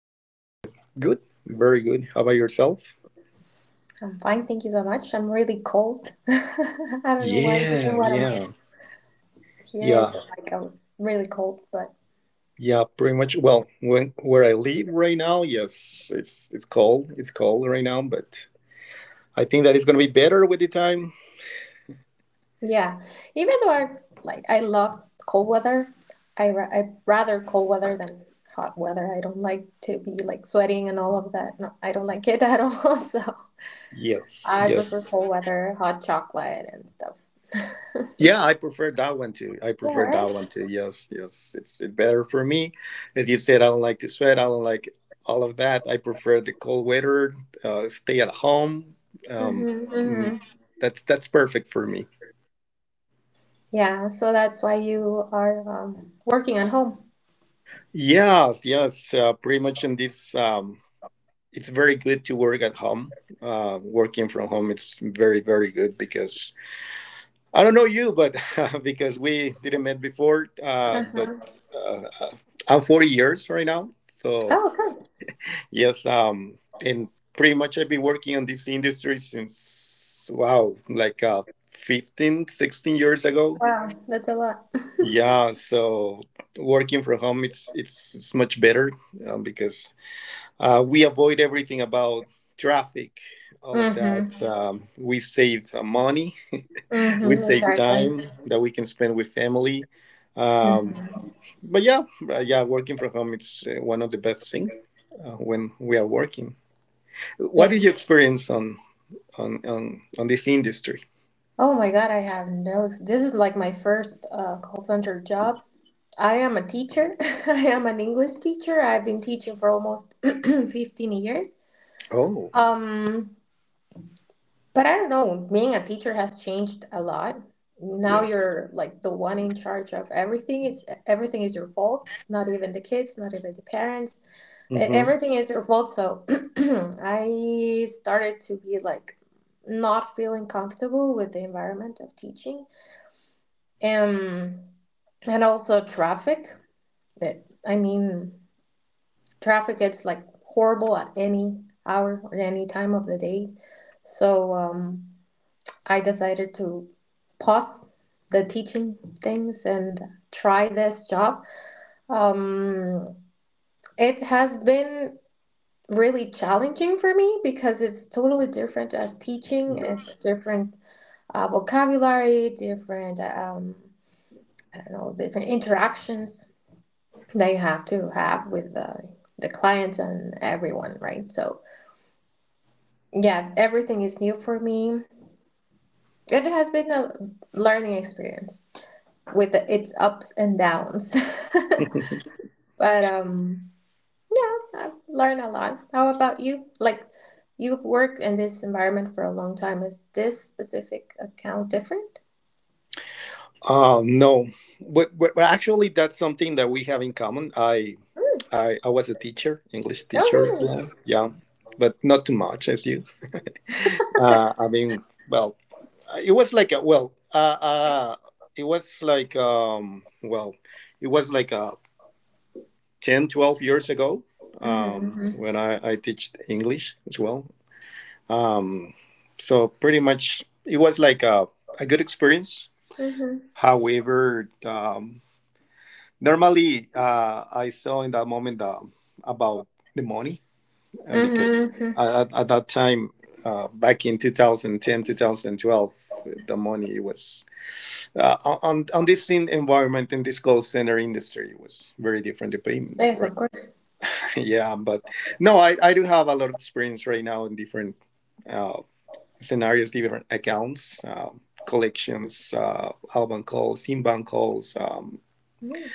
Hi, Lizeth. Good, very good. How about yourself? I'm fine, thank you so much. I'm really cold. I don't know why here in Yeah, Guatemala. yeah, Here yeah, is like really cold, but yeah. Pretty much. Well, when where I live right now, yes, it's cold. It's cold right now, but I think that it's gonna be better with the time. yeah. Even though I like I love cold weather, I rather cold weather than hot weather. I don't like to be like sweating and all of that. No, I don't like it at all. So Yes, I prefer yes. cold weather, hot chocolate and stuff. Yeah, I prefer that one too. I Yeah, prefer that right? one too. Yes, yes. It's better for me. As you said, I don't like to sweat. I don't like all of that. I prefer the cold weather. Stay at home. Um, Mm-hmm, mm, mm-hmm. that's perfect for me. Yeah, so that's why you are working at home. Yes, yes, pretty much in this, it's very good to work at home. Working from home, it's very, very good because I don't know you, but because we didn't met before, but Uh-huh. uh, uh, I'm 40 years right now. So Oh, okay. yes, and pretty much I've been working on this industry since, wow, like 15, 16 years ago. Wow, that's a lot. Yeah, so working from home, it's much better because we avoid everything about traffic, all of that. Mm-hmm. We save money, we Mm-hmm. save Exactly. time that we can spend with family. Um, Mm-hmm. but yeah, yeah, working from home, it's one of the best things when we are working. What is Yes. your experience on this industry? Oh my God, I have no. This is like my first call center job. I am a teacher. I am an English teacher. I've been teaching for almost 15 years. Oh, Um, But I don't know, being a teacher has changed a lot. Now yes. you're like the one in charge of everything. Everything is your fault, not even the kids, not even the parents. E- Hmm. Everything is your fault. So I started to be like not feeling comfortable with the environment of teaching. Um and also traffic. I mean, traffic gets like horrible at any hour or any time of the day. So, I decided to pause the teaching things and try this job. Um, it has been really challenging for me because it's totally different as teaching. It's a Yes. different vocabulary, different, I don't know, different interactions that you have to have with the clients and everyone, right? So, yeah, everything is new for me. It has been a learning experience with its ups and downs. But yeah, I've learned a lot. How about you? Like, you've worked in this environment for a long time. Is this specific account different? No, but actually, that's something that we have in common. I was a teacher, English teacher Oh, as really? well. Yeah, but not too much as you. I mean, well, it was like a, it was like well, it was like 10 12 years ago when Mm-hmm, I teach English as well. Um, so pretty much it was like a good experience. mm-hmm, However, normally I saw in that moment about the money, and because mm-hmm, hmm. At that time back in 2010 2012 the money was, uh, on this scene environment, in this call center industry was very different, the payment, Yes, right? of course. Yeah, but no, I do have a lot of experience right now in different uh, scenarios, different accounts, collections, outbound calls, inbound calls, Mhm.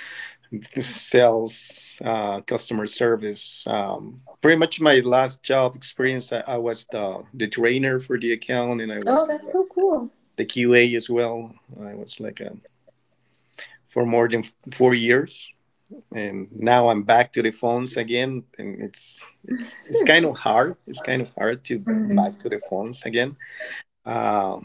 sales, customer service. Pretty much my last job experience, I was the trainer for the account, and I Oh, was that's so cool. the QA as well. I was like a for more than 4 years. And now I'm back to the phones again, and it's kind of hard. It's kind of hard to back to the phones again. Uh,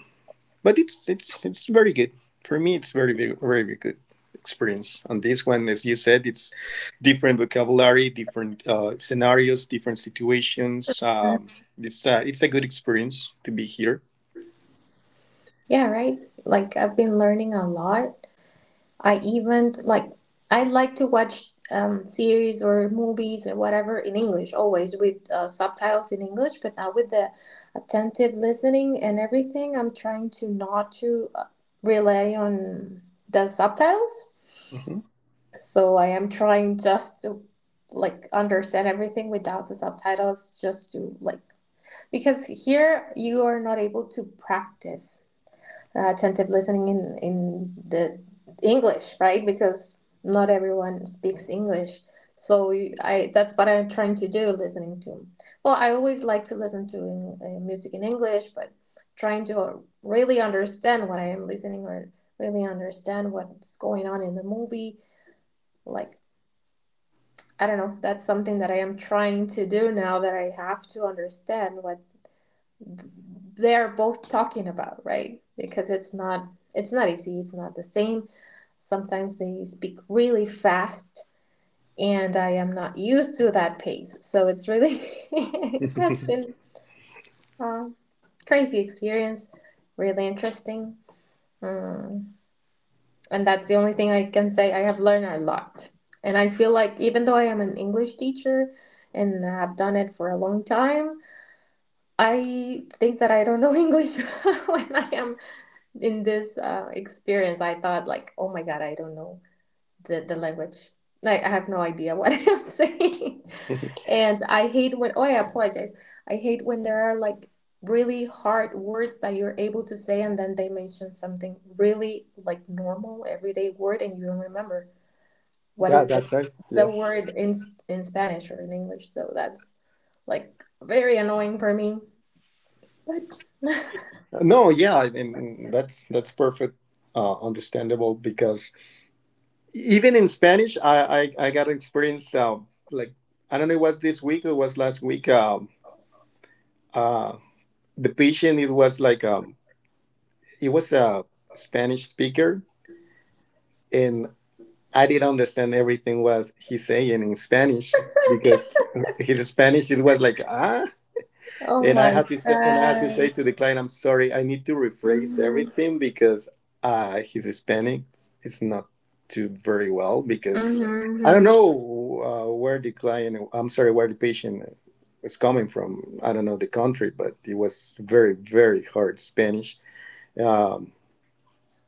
but it's very good for me. It's very, very, very good experience on this one. As you said, it's different vocabulary, different scenarios, different situations. Mhm. It's a good experience to be here. Yeah, right. Like I've been learning a lot I even like I like to watch series or movies or whatever in English always with subtitles in English, but now with the attentive listening and everything, I'm trying to not to rely on the subtitles. Hmm. So I am trying just to like understand everything without the subtitles, just to like because here you are not able to practice attentive listening in the English, right? Because not everyone speaks English. So I that's what I'm trying to do listening to. Well, I always like to listen to music in English, but trying to really understand what I am listening or really understand what's going on in the movie. Like, I don't know, that's something that I am trying to do now that I have to understand what they're both talking about, right? Because it's not, it's not easy, it's not the same. Sometimes they speak really fast and I am not used to that pace, so it's really it has been a crazy experience, really interesting. mm. And that's the only thing I can say. I have learned a lot and I feel like, even though I am an English teacher and I've done it for a long time, I think that I don't know English. When I am in this experience, I thought like, oh my god, I don't know the language. Like I have no idea what I'm saying. And I hate when I apologize. I hate when there are like really hard words that you're able to say and then they mention something really like normal everyday word and you don't remember what Yeah, is the that's right. the Yes. word in Spanish or in English. So that's like very annoying for me. But No, yeah, and that's perfect. Understandable, because even in Spanish, I got an experience, like I don't know, it was this week or it was last week. Uh, the patient, it was like, he was a Spanish speaker, and I didn't understand everything was he saying in Spanish, because his Spanish it was like, ah. oh And I my had to say, and I had to say god. to the client, I'm sorry, I need to rephrase Mhm. everything because his Hispanic is not too very well, because I don't Mm-hmm. know where the client, I'm sorry, where the patient was coming from. I don't know the country, but it was very, very hard Spanish. Um.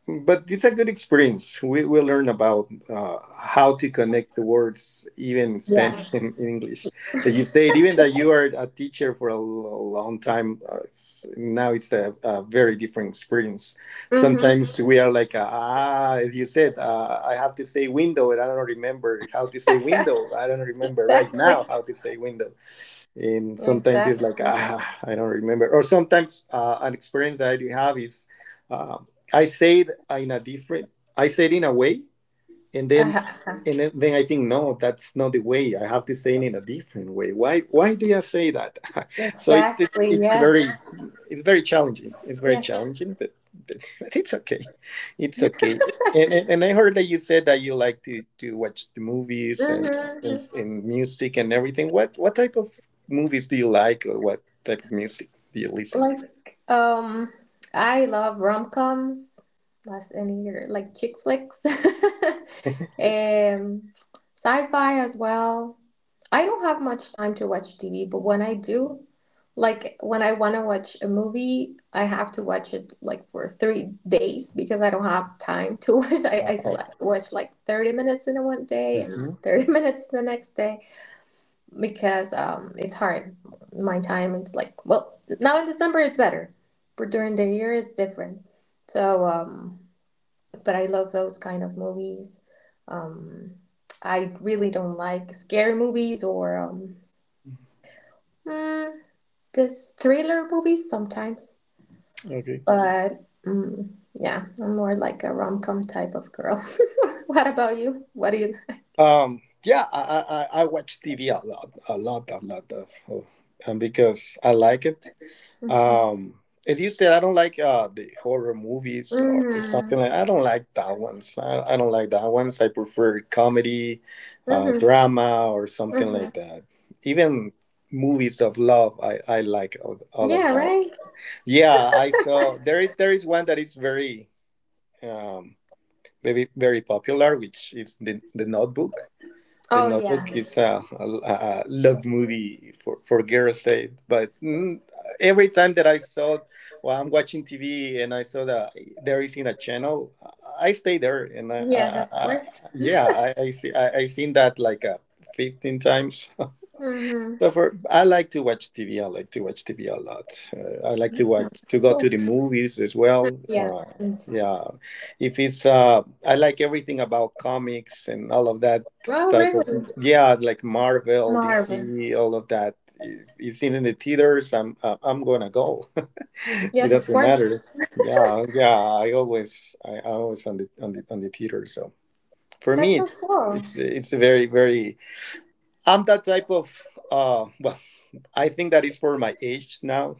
But it's a good experience. We learn about how to connect the words, even in Yeah. Spanish and in English. As you said, even that you are a teacher for a long time, it's, now it's a very different experience. Mm-hmm. Sometimes we are like, as you said, I have to say window, and I don't remember how to say window. I don't remember right Exactly. now how to say window. And sometimes it's like, Exactly. ah, I don't remember. Or sometimes an experience that I do have is, uh, I say it in a different, I say it in a way, and then Uh-huh. and then then I think, no, that's not the way. I have to say it in a different way. Why do I say that? So it's it's Exactly. it's Yes. very, it's very challenging. It's very Yes. challenging, but but it's okay. It's okay. And, and I heard that you said that you like to watch the movies, Mm-hmm. and and, Mm-hmm. and music and everything. What type of movies do you like, or what type of music do you listen? Like, I love rom-coms, less any year, like chick flicks, um, sci-fi as well. I don't have much time to watch TV, but when I do, like when I want to watch a movie, I have to watch it like for 3 days because I don't have time to watch. Oh. Watch like 30 minutes in one day and Hmm. 30 minutes the next day because it's hard. My time, it's like, well, now in December it's better, but during the year it's different. So, but I love those kind of movies. Um, I really don't like scary movies or mm, this thriller movies sometimes, Okay. but mm, yeah, I'm more like a rom com type of girl. What about you? What do you? Yeah, I watch TV a lot, a lot, a lot of, oh, and because I like it. Hmm Um, as you said, I don't like the horror movies or hmm something like. I don't like that ones. I don't like that ones. I prefer comedy, hmm. drama, or something like that. Even movies of love, I like all of Yeah, that. right. Yeah, I saw there is one that is very, um very, very popular, which is the Notebook. The Oh yeah. Notebook is a love movie for girls' sake. But mm, every time that I saw, well, I'm watching TV and I saw that there is in a channel, I stay there. And I, Yes, I, of I, course. yeah, I see, I seen that like 15 times. Mm-hmm. So for I like to watch TV. I like to watch TV a lot. I like Oh, to watch to that's go cool. to the movies as well. Yeah, me too. Yeah, if it's I like everything about comics and all of that Well, type of, really, yeah, like Marvel, Marvel. DC, all of that. If it's in the theaters, I'm gonna go. It Yes, of doesn't course. matter. Yeah, yeah. I always I always on the theater. So for me, That's so it's cool. it's it's a very, very, I'm that type of well, I think that is for my age now.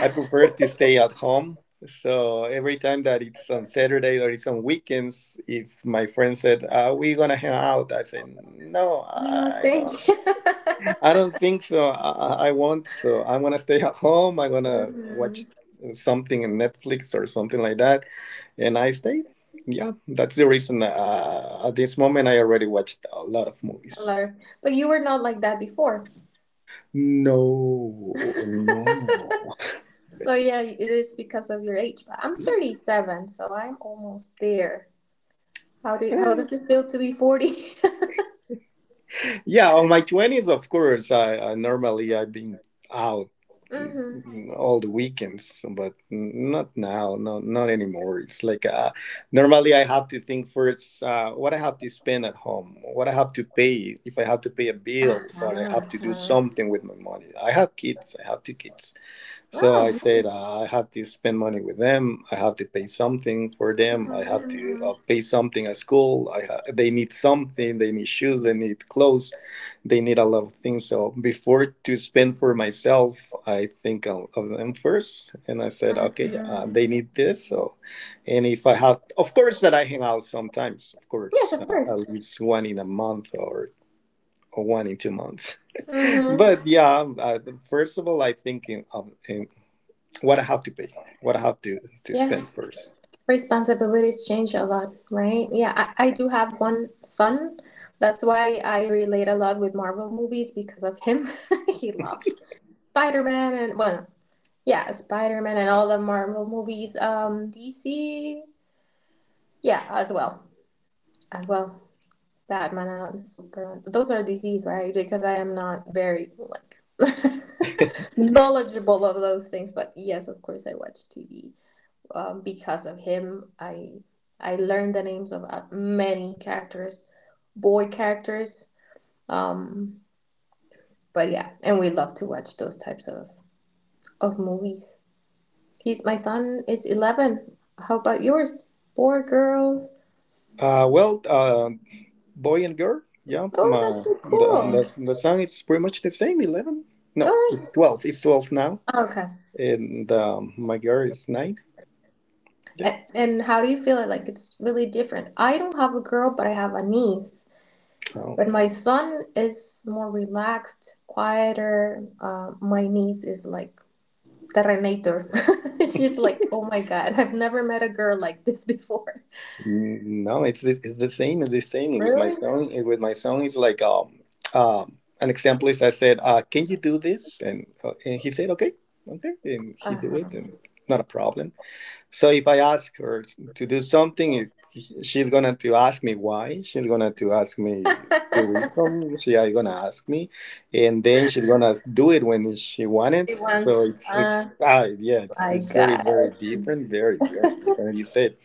I prefer to stay at home. So every time that it's on Saturday or it's on weekends, if my friend said, "Are we gonna hang out?" I say, "No, No, I don't. thank you. I don't think so. I won't. So I'm gonna stay at home. I'm gonna watch hmm. something in Netflix or something like that." And I stayed. Yeah, that's the reason. At this moment, I already watched a lot of A movies. lot of, but you were not like that before. No, no. So yeah, it is because of your age. But I'm 37, so I'm almost there. How does it feel to be 40? Yeah, on my twenties, of course. I normally I've been out, Mm-hmm. mm, all the weekends, but not now. Not not anymore. It's like, normally I have to think first what I have to spend at home, what I have to pay if I have to pay a Ah, bill, or I ah, have to do ah. something with my money. I have kids. I have two kids. So I Oh, said, nice. I have to spend money with them. I have to pay something for them. Mm-hmm, I have to mm-hmm, pay something at school. I they need something. They need shoes. They need clothes. They need a lot of things. So before to spend for myself, I think of them first. And I said, okay, they mm-hmm. need this. So, and if I have, of course, that I hang out sometimes. Of course, Yes, of course. at least one in a month, or one in 2 months. But Mm-hmm. yeah, first of all, I think in what I have to pay, what I have to spend Yes. first. Responsibilities change a lot, right? Yeah, I do have one son. That's why I relate a lot with Marvel movies because of him. He loves Spider-Man and well, yeah, Spider-Man and all the Marvel movies. DC, yeah, as well. As well. Batman and Superman. Those are DCs, right? Because I am not very like knowledgeable of those things, but yes, of course I watch TV. Because of him I learned the names of many characters, boy characters, um but yeah, and we love to watch those types of movies. He's my son is 11. How about yours, boy, girls? Uh, well, uh, Boy and girl, yeah. Oh, that's so cool. The song is pretty much the same. 11? Oh, No, it's nice. 12. It's 12 now, Okay. and my girl is 9. Yeah. And how do you feel it, like it's really different? I don't have a girl, but I have a niece, No, but my son is more relaxed, quieter. My niece is like Terrenator. She's like, oh my god, I've never met a girl like this before. no, it's the same. It's the same with my Really? son. With my son, it's like, an example is I said, "Can you do this?" And he said, "Okay, okay," and he do Uh-huh. it, and not a problem. So if I ask her to do something, it, she's gonna to ask me why. She's gonna to ask me the reason. She is gonna ask me, and then she's gonna do it when she want She it. So wants it's it's oh uh, yeah, it's my it's very, god. very different, very, very different. And you said,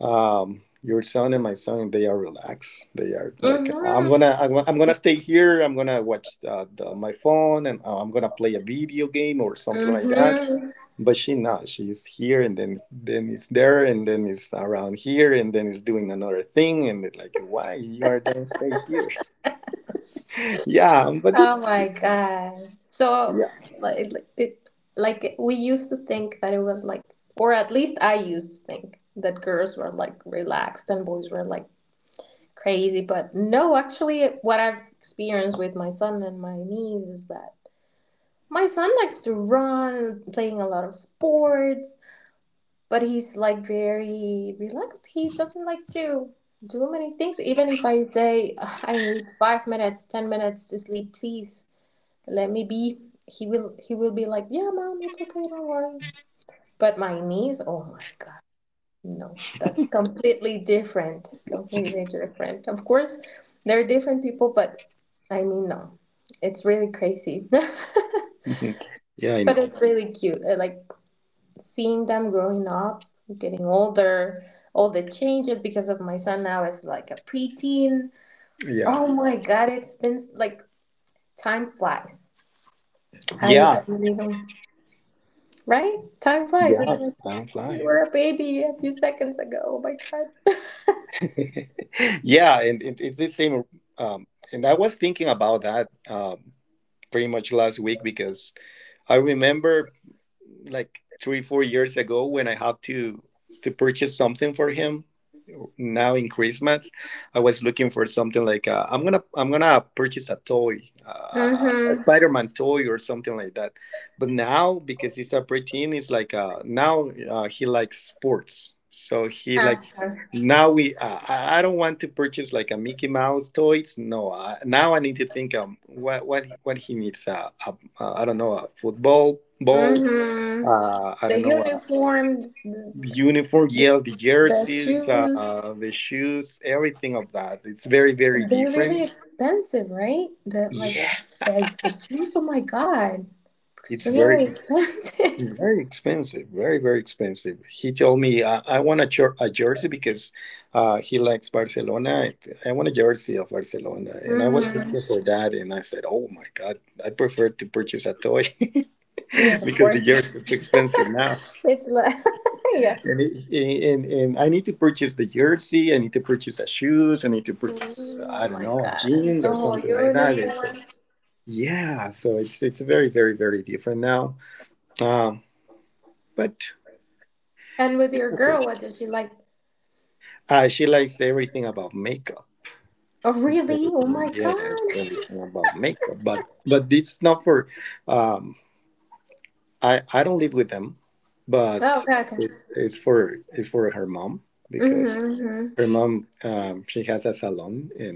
your son and my son, they are relaxed. They are like, I'm hmm. gonna I'm gonna stay here. I'm gonna watch my phone, and I'm gonna play a video game or something like that. Mm-hmm. But she not, she's here, and then it's there, and then it's around here, and then it's doing another thing, and it's like, why you are don't stay here? Yeah, but Oh it's, my God. So yeah. Like, it like We used to think that it was like, or at least I used to think that girls were like relaxed and boys were like crazy, but no, actually what I've experienced with my son and my niece is that my son likes to run, playing a lot of sports, but he's like very relaxed. He doesn't like to do many things. Even if I say I need 5 minutes, 10 minutes to sleep, please let me be. He will be like, yeah, mom, it's okay, don't worry. But my niece, oh my god, no, that's completely different. Completely different. Of course, there are different people, but I mean, no, it's really crazy. Mhm. Yeah, I But know. it's really cute. Like seeing them growing up, getting older, all the changes because of my son now is like a preteen. Yeah, Oh my God, it's been like time flies. I yeah, really don't, right? Time flies. It's yeah, like don't you fly. were a baby a few seconds ago. Oh my God. Yeah, and it's the same. um and I was thinking about that, pretty much last week, because I remember like 3 4 years ago when I had to purchase something for him. Now in Christmas, I was looking for something like I'm gonna purchase a toy, a Mm-hmm. Spider-Man toy or something like that. But now because he's a preteen, it's like now, he likes sports, so he likes. After. Now I don't want to purchase like a Mickey Mouse toys. No, now I need to think what he needs. I don't know, a football ball, Mm-hmm. I The don't know, uniforms, the, the uniform, yes, the the jerseys, shoes. The shoes, everything of that. It's very, very They're really different. expensive, right? The like Yeah, the shoes, oh my God, it's extremely very, expensive. very expensive, very, very expensive. He told me, I want a jersey because he likes Barcelona. I want a jersey of Barcelona. And I was hmm. looking for that, and I said, oh my God, I prefer to purchase a toy Yes, of because the course. jersey is expensive now. It's like yes. And, it, and I need to purchase the jersey. I need to purchase the shoes. I need to purchase, Mm. I Oh don't my know, a God, jeans the or whole something like that. And so, uniform. yeah, so it's very, very, very different now. Um, but And with your girl, what does she like? uh, she likes everything about makeup. Oh Everything, really? Oh my yes, God. everything about makeup. But it's not for. Um, I don't live with them, Oh, but okay, okay. it's for her mom, because Mm-hmm, hmm. her mom, she has a salon, in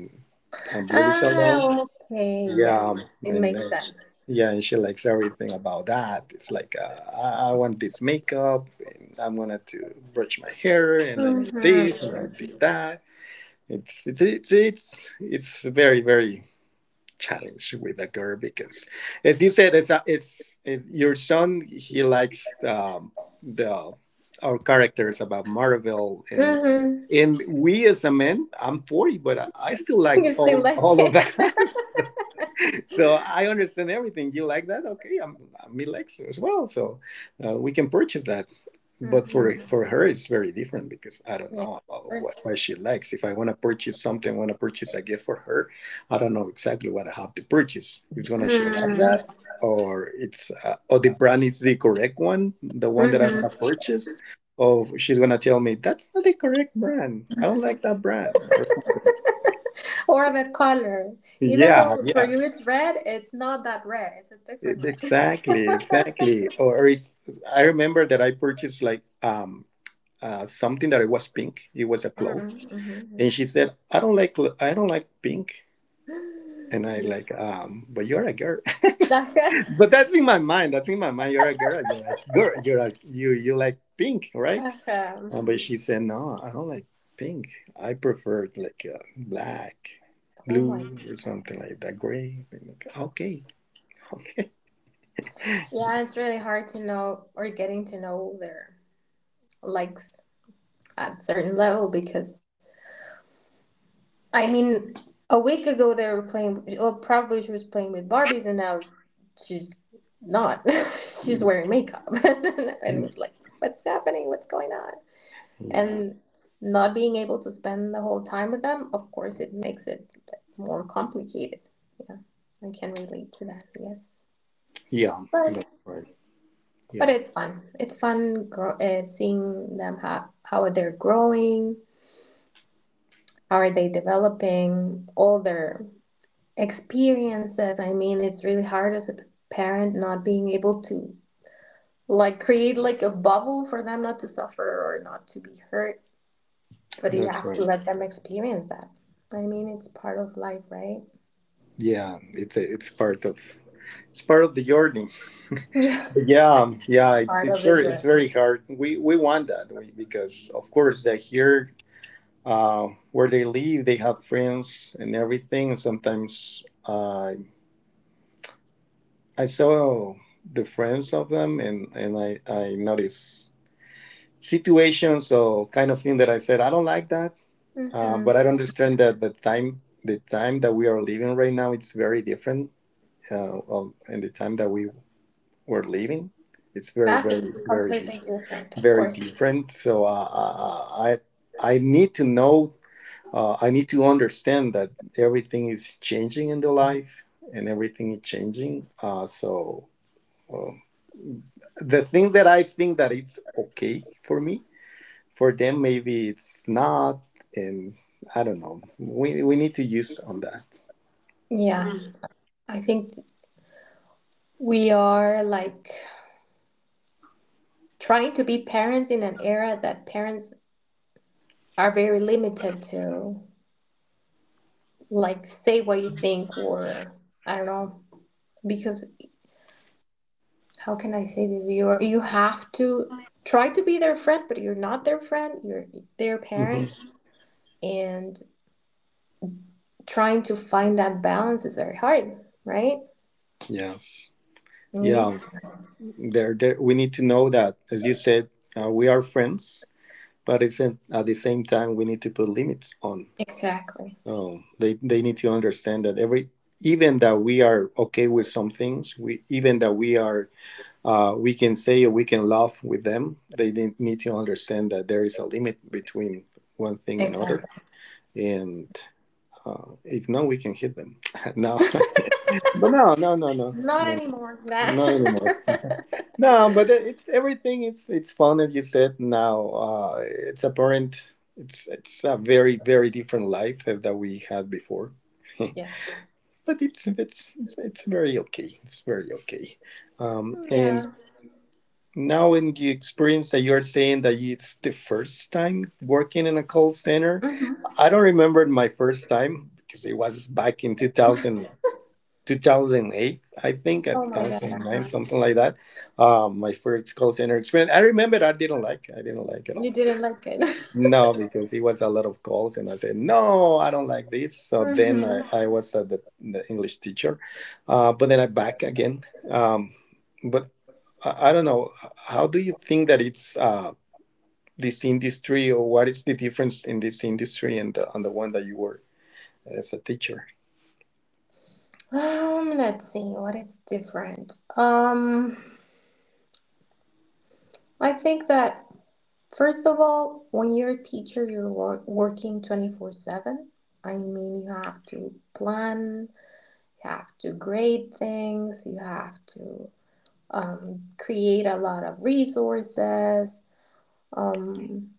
a beauty salon. Ah, okay, yeah. Yeah, It and makes sense. yeah, and she likes everything about that. It's like I want this makeup, and I'm gonna to brush my hair, and I need this, and I Mm-hmm. need that. It's very, very challenge with a girl, because as you said, it's, a, it's it's your son, he likes the our characters about Marvel, and Mm-hmm. and we as a man, I'm 40, but I still like You still all like all of it. that. So I understand everything you like that, okay, I'm relaxed as well, so we can purchase that, but for Mm-hmm. for her, it's very different, because I don't Yeah, know of about what, course. what she likes. If I want to purchase something, I want to purchase a gift for her, I don't know exactly what I have to purchase. It's gonna she like Mm. that, or it's or the brand is the correct one, the one that I'm gonna hmm. purchase. Or she's gonna tell me that's not the correct brand. I don't like that brand. Or, Or the color. Even yeah, though for yeah, you it's red, it's not that red. It's a different red. exactly, exactly. Or if I remember that I purchased like something that it was pink. It was a cloth. And Mm-hmm. she said, "I don't like pink." And I like, Jesus. But you're a girl. Ajá. But that's in my mind. That's in my mind. You're a girl. You're like girl. You're like you. You like pink, right? Ajá, But mhm. she said, "No, I don't like pink. I prefer like black, Oh my blue, or God. something like that. Gray." Like, okay, okay. Yeah, it's really hard to know or getting to know their likes at certain level, because I mean, a week ago they were playing. Well, probably she was playing with Barbies, and now she's not. She's Yeah, wearing makeup, and yeah, was like, "What's happening? What's going on?" yeah. And not being able to spend the whole time with them, of course, it makes it more complicated. Yeah, I can relate to that. Yes, Yeah, but that's right. but Yeah, it's fun. It's fun seeing them how they're growing, how are they developing, all their experiences. I mean, it's really hard as a parent not being able to like create like a bubble for them not to suffer or not to be hurt, but you that's have to right. let them experience that. I mean, it's part of life, right? Yeah, it's part of the journey. Yeah, But yeah, yeah, it's part it's of the very it's journey. very hard. We want that because of course they're here, where they live. They have friends and everything. Sometimes I saw the friends of them, and I noticed situations or kind of thing that I said I don't like that. Mm-hmm. But I understand that the time that we are living right now, it's very different. And the time that we're living, it's very, Kathy, very, very, completely different of very course. different. So I need to know. I need to understand that everything is changing in the life, and everything is changing. Um, the things that I think that it's okay for me, for them maybe it's not, and I don't know. We need to use on that. Yeah, I think we are like trying to be parents in an era that parents are very limited to like say what you think, or I don't know, because how can I say this? You are, you have to try to be their friend, but you're not their friend. You're their parent, Mhm. and trying to find that balance is very hard, right, Yes. Yeah. ladies? There, there. We need to know that, as you said, we are friends, but at the same time, we need to put limits on. Exactly. So they need to understand that every even that we are okay with some things, we even that we are, we can say or we can laugh with them. They need to understand that there is a limit between one thing and other, Exactly. and if not, we can hit them. No, but no, no, no, no, Not no, no, anymore. not anymore. No, but it's everything. It's fun, as you said. Now, it's apparent. It's a very, very different life as that we had before. Yes. But it's very okay. It's very okay. Yeah. And now in the experience that you are saying that it's the first time working in a call center, Hmm. I don't remember my first time because it was back in 2000. 2008, I think, at Oh my God. 2009, Uh-huh. something like that. My first call center experience. I remember that I didn't like. I didn't like it You all. didn't like it. No, because it was a lot of calls, and I said, no, I don't like this. So then hmm I was, the English teacher, but then I back again. But I don't know. How do you think that it's, this industry, or what is the difference in this industry and the one that you were as a teacher? Let's see what it's different. I think that first of all, when you're a teacher, you're working 24/7. I mean, you have to plan, you have to grade things, you have to create a lot of resources. Um,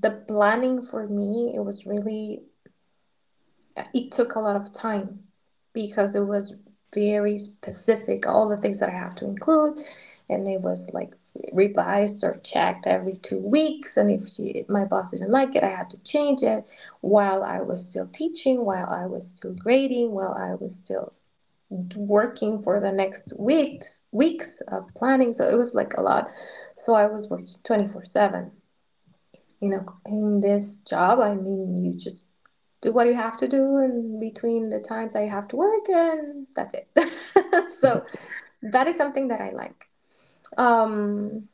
the planning for me, it was really it took a lot of time because it was very specific all the things that I have to include, and it was like revised or checked every 2 weeks. And if she, my boss, didn't like it, I had to change it while I was still teaching, while I was still grading, while I was still working for the next weeks of planning. So it was like a lot. So I was working 24/7 in this job. I mean, you just do what you have to do in between the times I have to work, and that's it. So that is something that I like. Um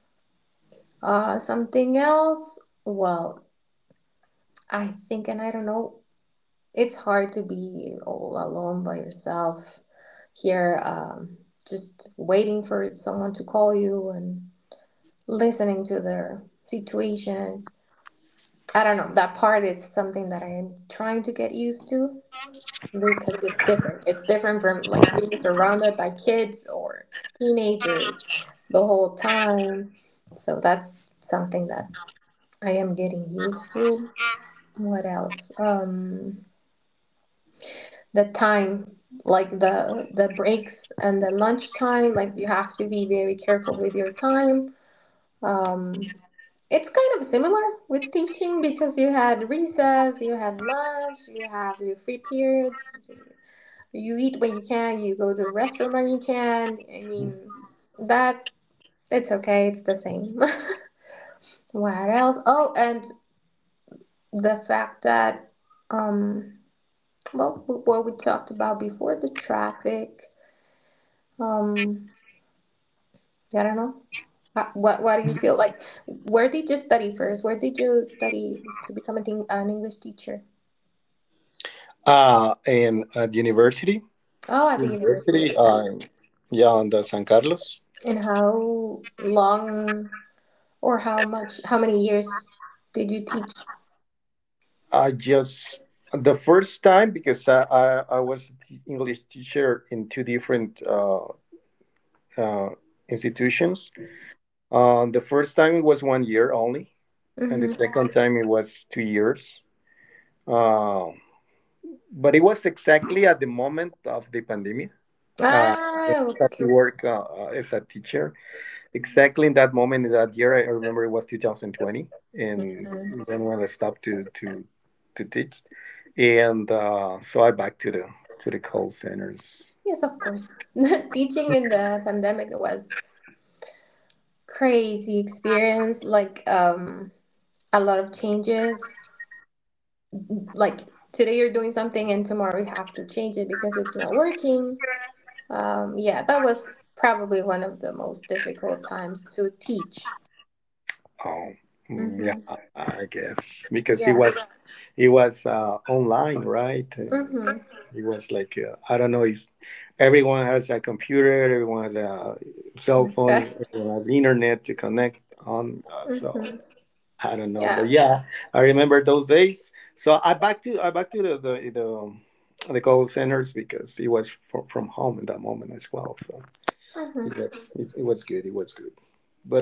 uh, something else, well, I think, and I don't know, it's hard to be all alone by yourself here, just waiting for someone to call you and listening to their situations. I don't know, that part is something that I'm trying to get used to, because it's different. It's different from like being surrounded by kids or teenagers the whole time. So that's something that I am getting used to. What else? The time, like the breaks and the lunch time, like you have to be very careful with your time. Um, it's kind of similar with teaching because you had recess, you had lunch, you have your free periods. You eat when you can, you go to the restroom when you can. I mean, that it's okay, it's the same. What else? Oh, and the fact that, um well, what we talked about before, the traffic. Um, I don't know. What do you feel like? Where did you study first? Where did you study to become a thing, an English teacher? And at university, Oh, at the university. Jeffrey, Okay. Yeah, on the San Carlos. And how long, or how much, how many years did you teach? I just the first time because I was a English teacher in two different uh, institutions. The first time it was 1 year only, and the Mm-hmm. second time it was 2 years. Uh, but it was exactly at the moment of the pandemic. Uh, I Ah, started okay. to work as a teacher exactly in that moment, in that year, I remember it was 2020, and then when I stopped to teach, and so I back to the call centers. Yes, of course. Teaching in the pandemic was crazy experience, like a lot of changes. Like today you're doing something, and tomorrow you have to change it because it's not working. Yeah, that was probably one of the most difficult times to teach. Um, yeah, Mm-hmm. I guess because it Yeah. was it was uh, online, right? And Mm-hmm. it was like I don't know if everyone has a computer, everyone has a cell Okay. phone, everyone has internet to connect on. So, Mm-hmm. I don't know, but Yeah. yeah, I remember those days. So I back to the call centers because he was from home in that moment as well. So Mm-hmm. he got, it was good. It was good.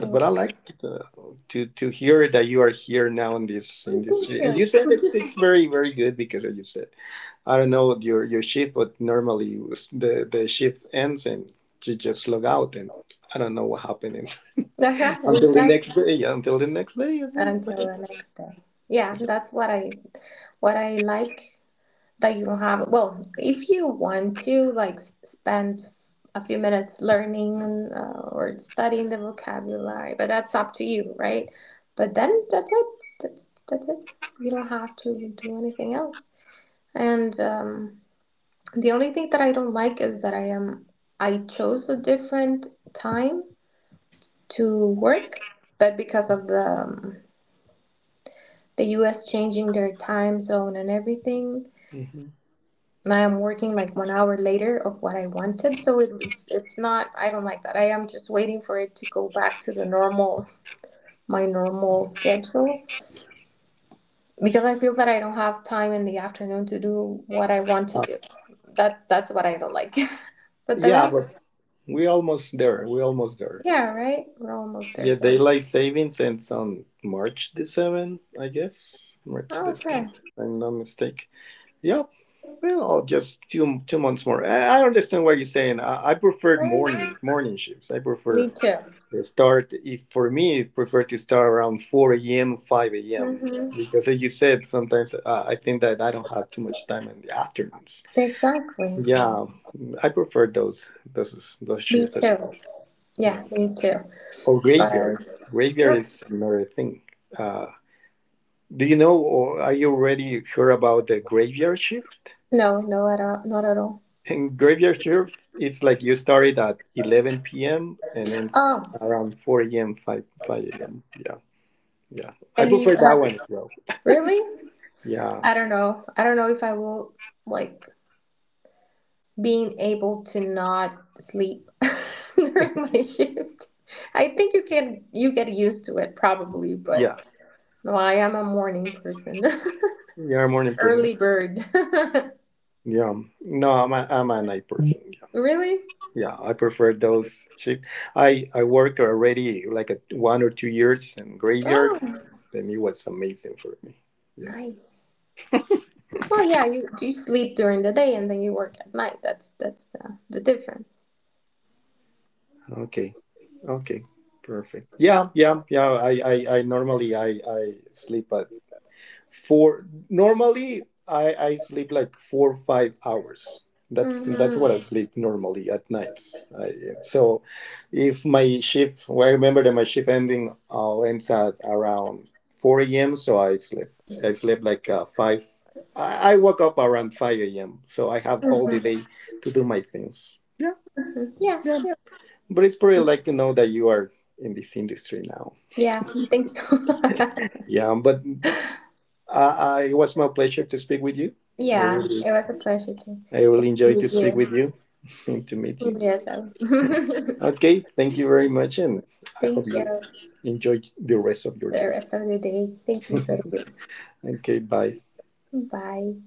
It but I was like uh, to hear that you are here now in this good. Thank industry. As you you. said, it's very, very good because, as you said, I don't know your shift, but normally the shift ends and you just log out and I don't know what happened Uh-huh. until the next Exactly. day, until the next day, okay. Until the next day. Yeah, that's what I what I like, that you have, well, if you want to, like, spend a few minutes learning, or studying the vocabulary, but that's up to you, right? But then that's it. That's it. You don't have to do anything else. And the only thing that I don't like is that I chose a different time to work, but because of the U.S. changing their time zone and everything, Mhm. and I am working like 1 hour later of what I wanted. So it's not, I don't like that. I am just waiting for it to go back to the normal my normal schedule, because I feel that I don't have time in the afternoon to do what I want to do. That's what I don't like. But the Yeah, but rest, we almost there. We almost there. yeah, right. We're almost there. Yeah, So daylight savings ends on March the seventh, I guess. March the oh, okay, seventh, if I'm not mistaken. Yeah, well, just two months more. I understand what you're saying. I preferred right. morning shifts. I Me prefer too. the start. If for me, I prefer to start around 4 a.m., 5 a.m. Hmm. Because as you said, sometimes I think that I don't have too much time in the afternoons. Exactly. Yeah, I prefer those Me shifts as too. well. Yeah, Yeah. me too. Or But graveyard. Graveyard is another thing. Uh, do you know, or are you already sure about the graveyard shift? no, no, at all, not at all. And graveyard shift is like you started at 11 p.m. and then it's Oh, around 4 a.m., 5 a.m. Yeah, yeah. I and you prefer that have. one as well. Really? Yeah, I don't know. I don't know if I will like being able to not sleep during my shift. I think you can, you get used to it probably, but yeah. no, I am a morning person. You're a morning person. Early bird. Yeah. No, I'm a night person. Yeah. Really? Yeah, I prefer those shifts. I worked already like 1 or 2 years in graveyard, Oh, and it was amazing for me. Yeah. nice. Well, yeah, you sleep during the day and then you work at night. That's the difference. Okay. Okay. Perfect. Yeah, yeah, yeah. I normally, I sleep at four. Normally I sleep like 4 or 5 hours. That's what I Mm-hmm. sleep normally at nights. So if my shift, well, I remember that my shift ending ends at around 4 a.m. So I sleep. I Jesus. sleep like five. I woke up around 5 a.m. So I have all the Hmm. day to do my things. Yeah, Yeah, yeah. but it's pretty like to know that you are in this industry now. Yeah, I think so. Yeah, but it was my pleasure to speak with you. I Yeah, really, it was a pleasure to I really enjoyed to meet speak you. with you and to meet you. Yes, I- Okay, thank you very much, and I hope thank you. you enjoy the rest of your The day. rest of the day. Thank you, so sorry. Okay, bye. Bye.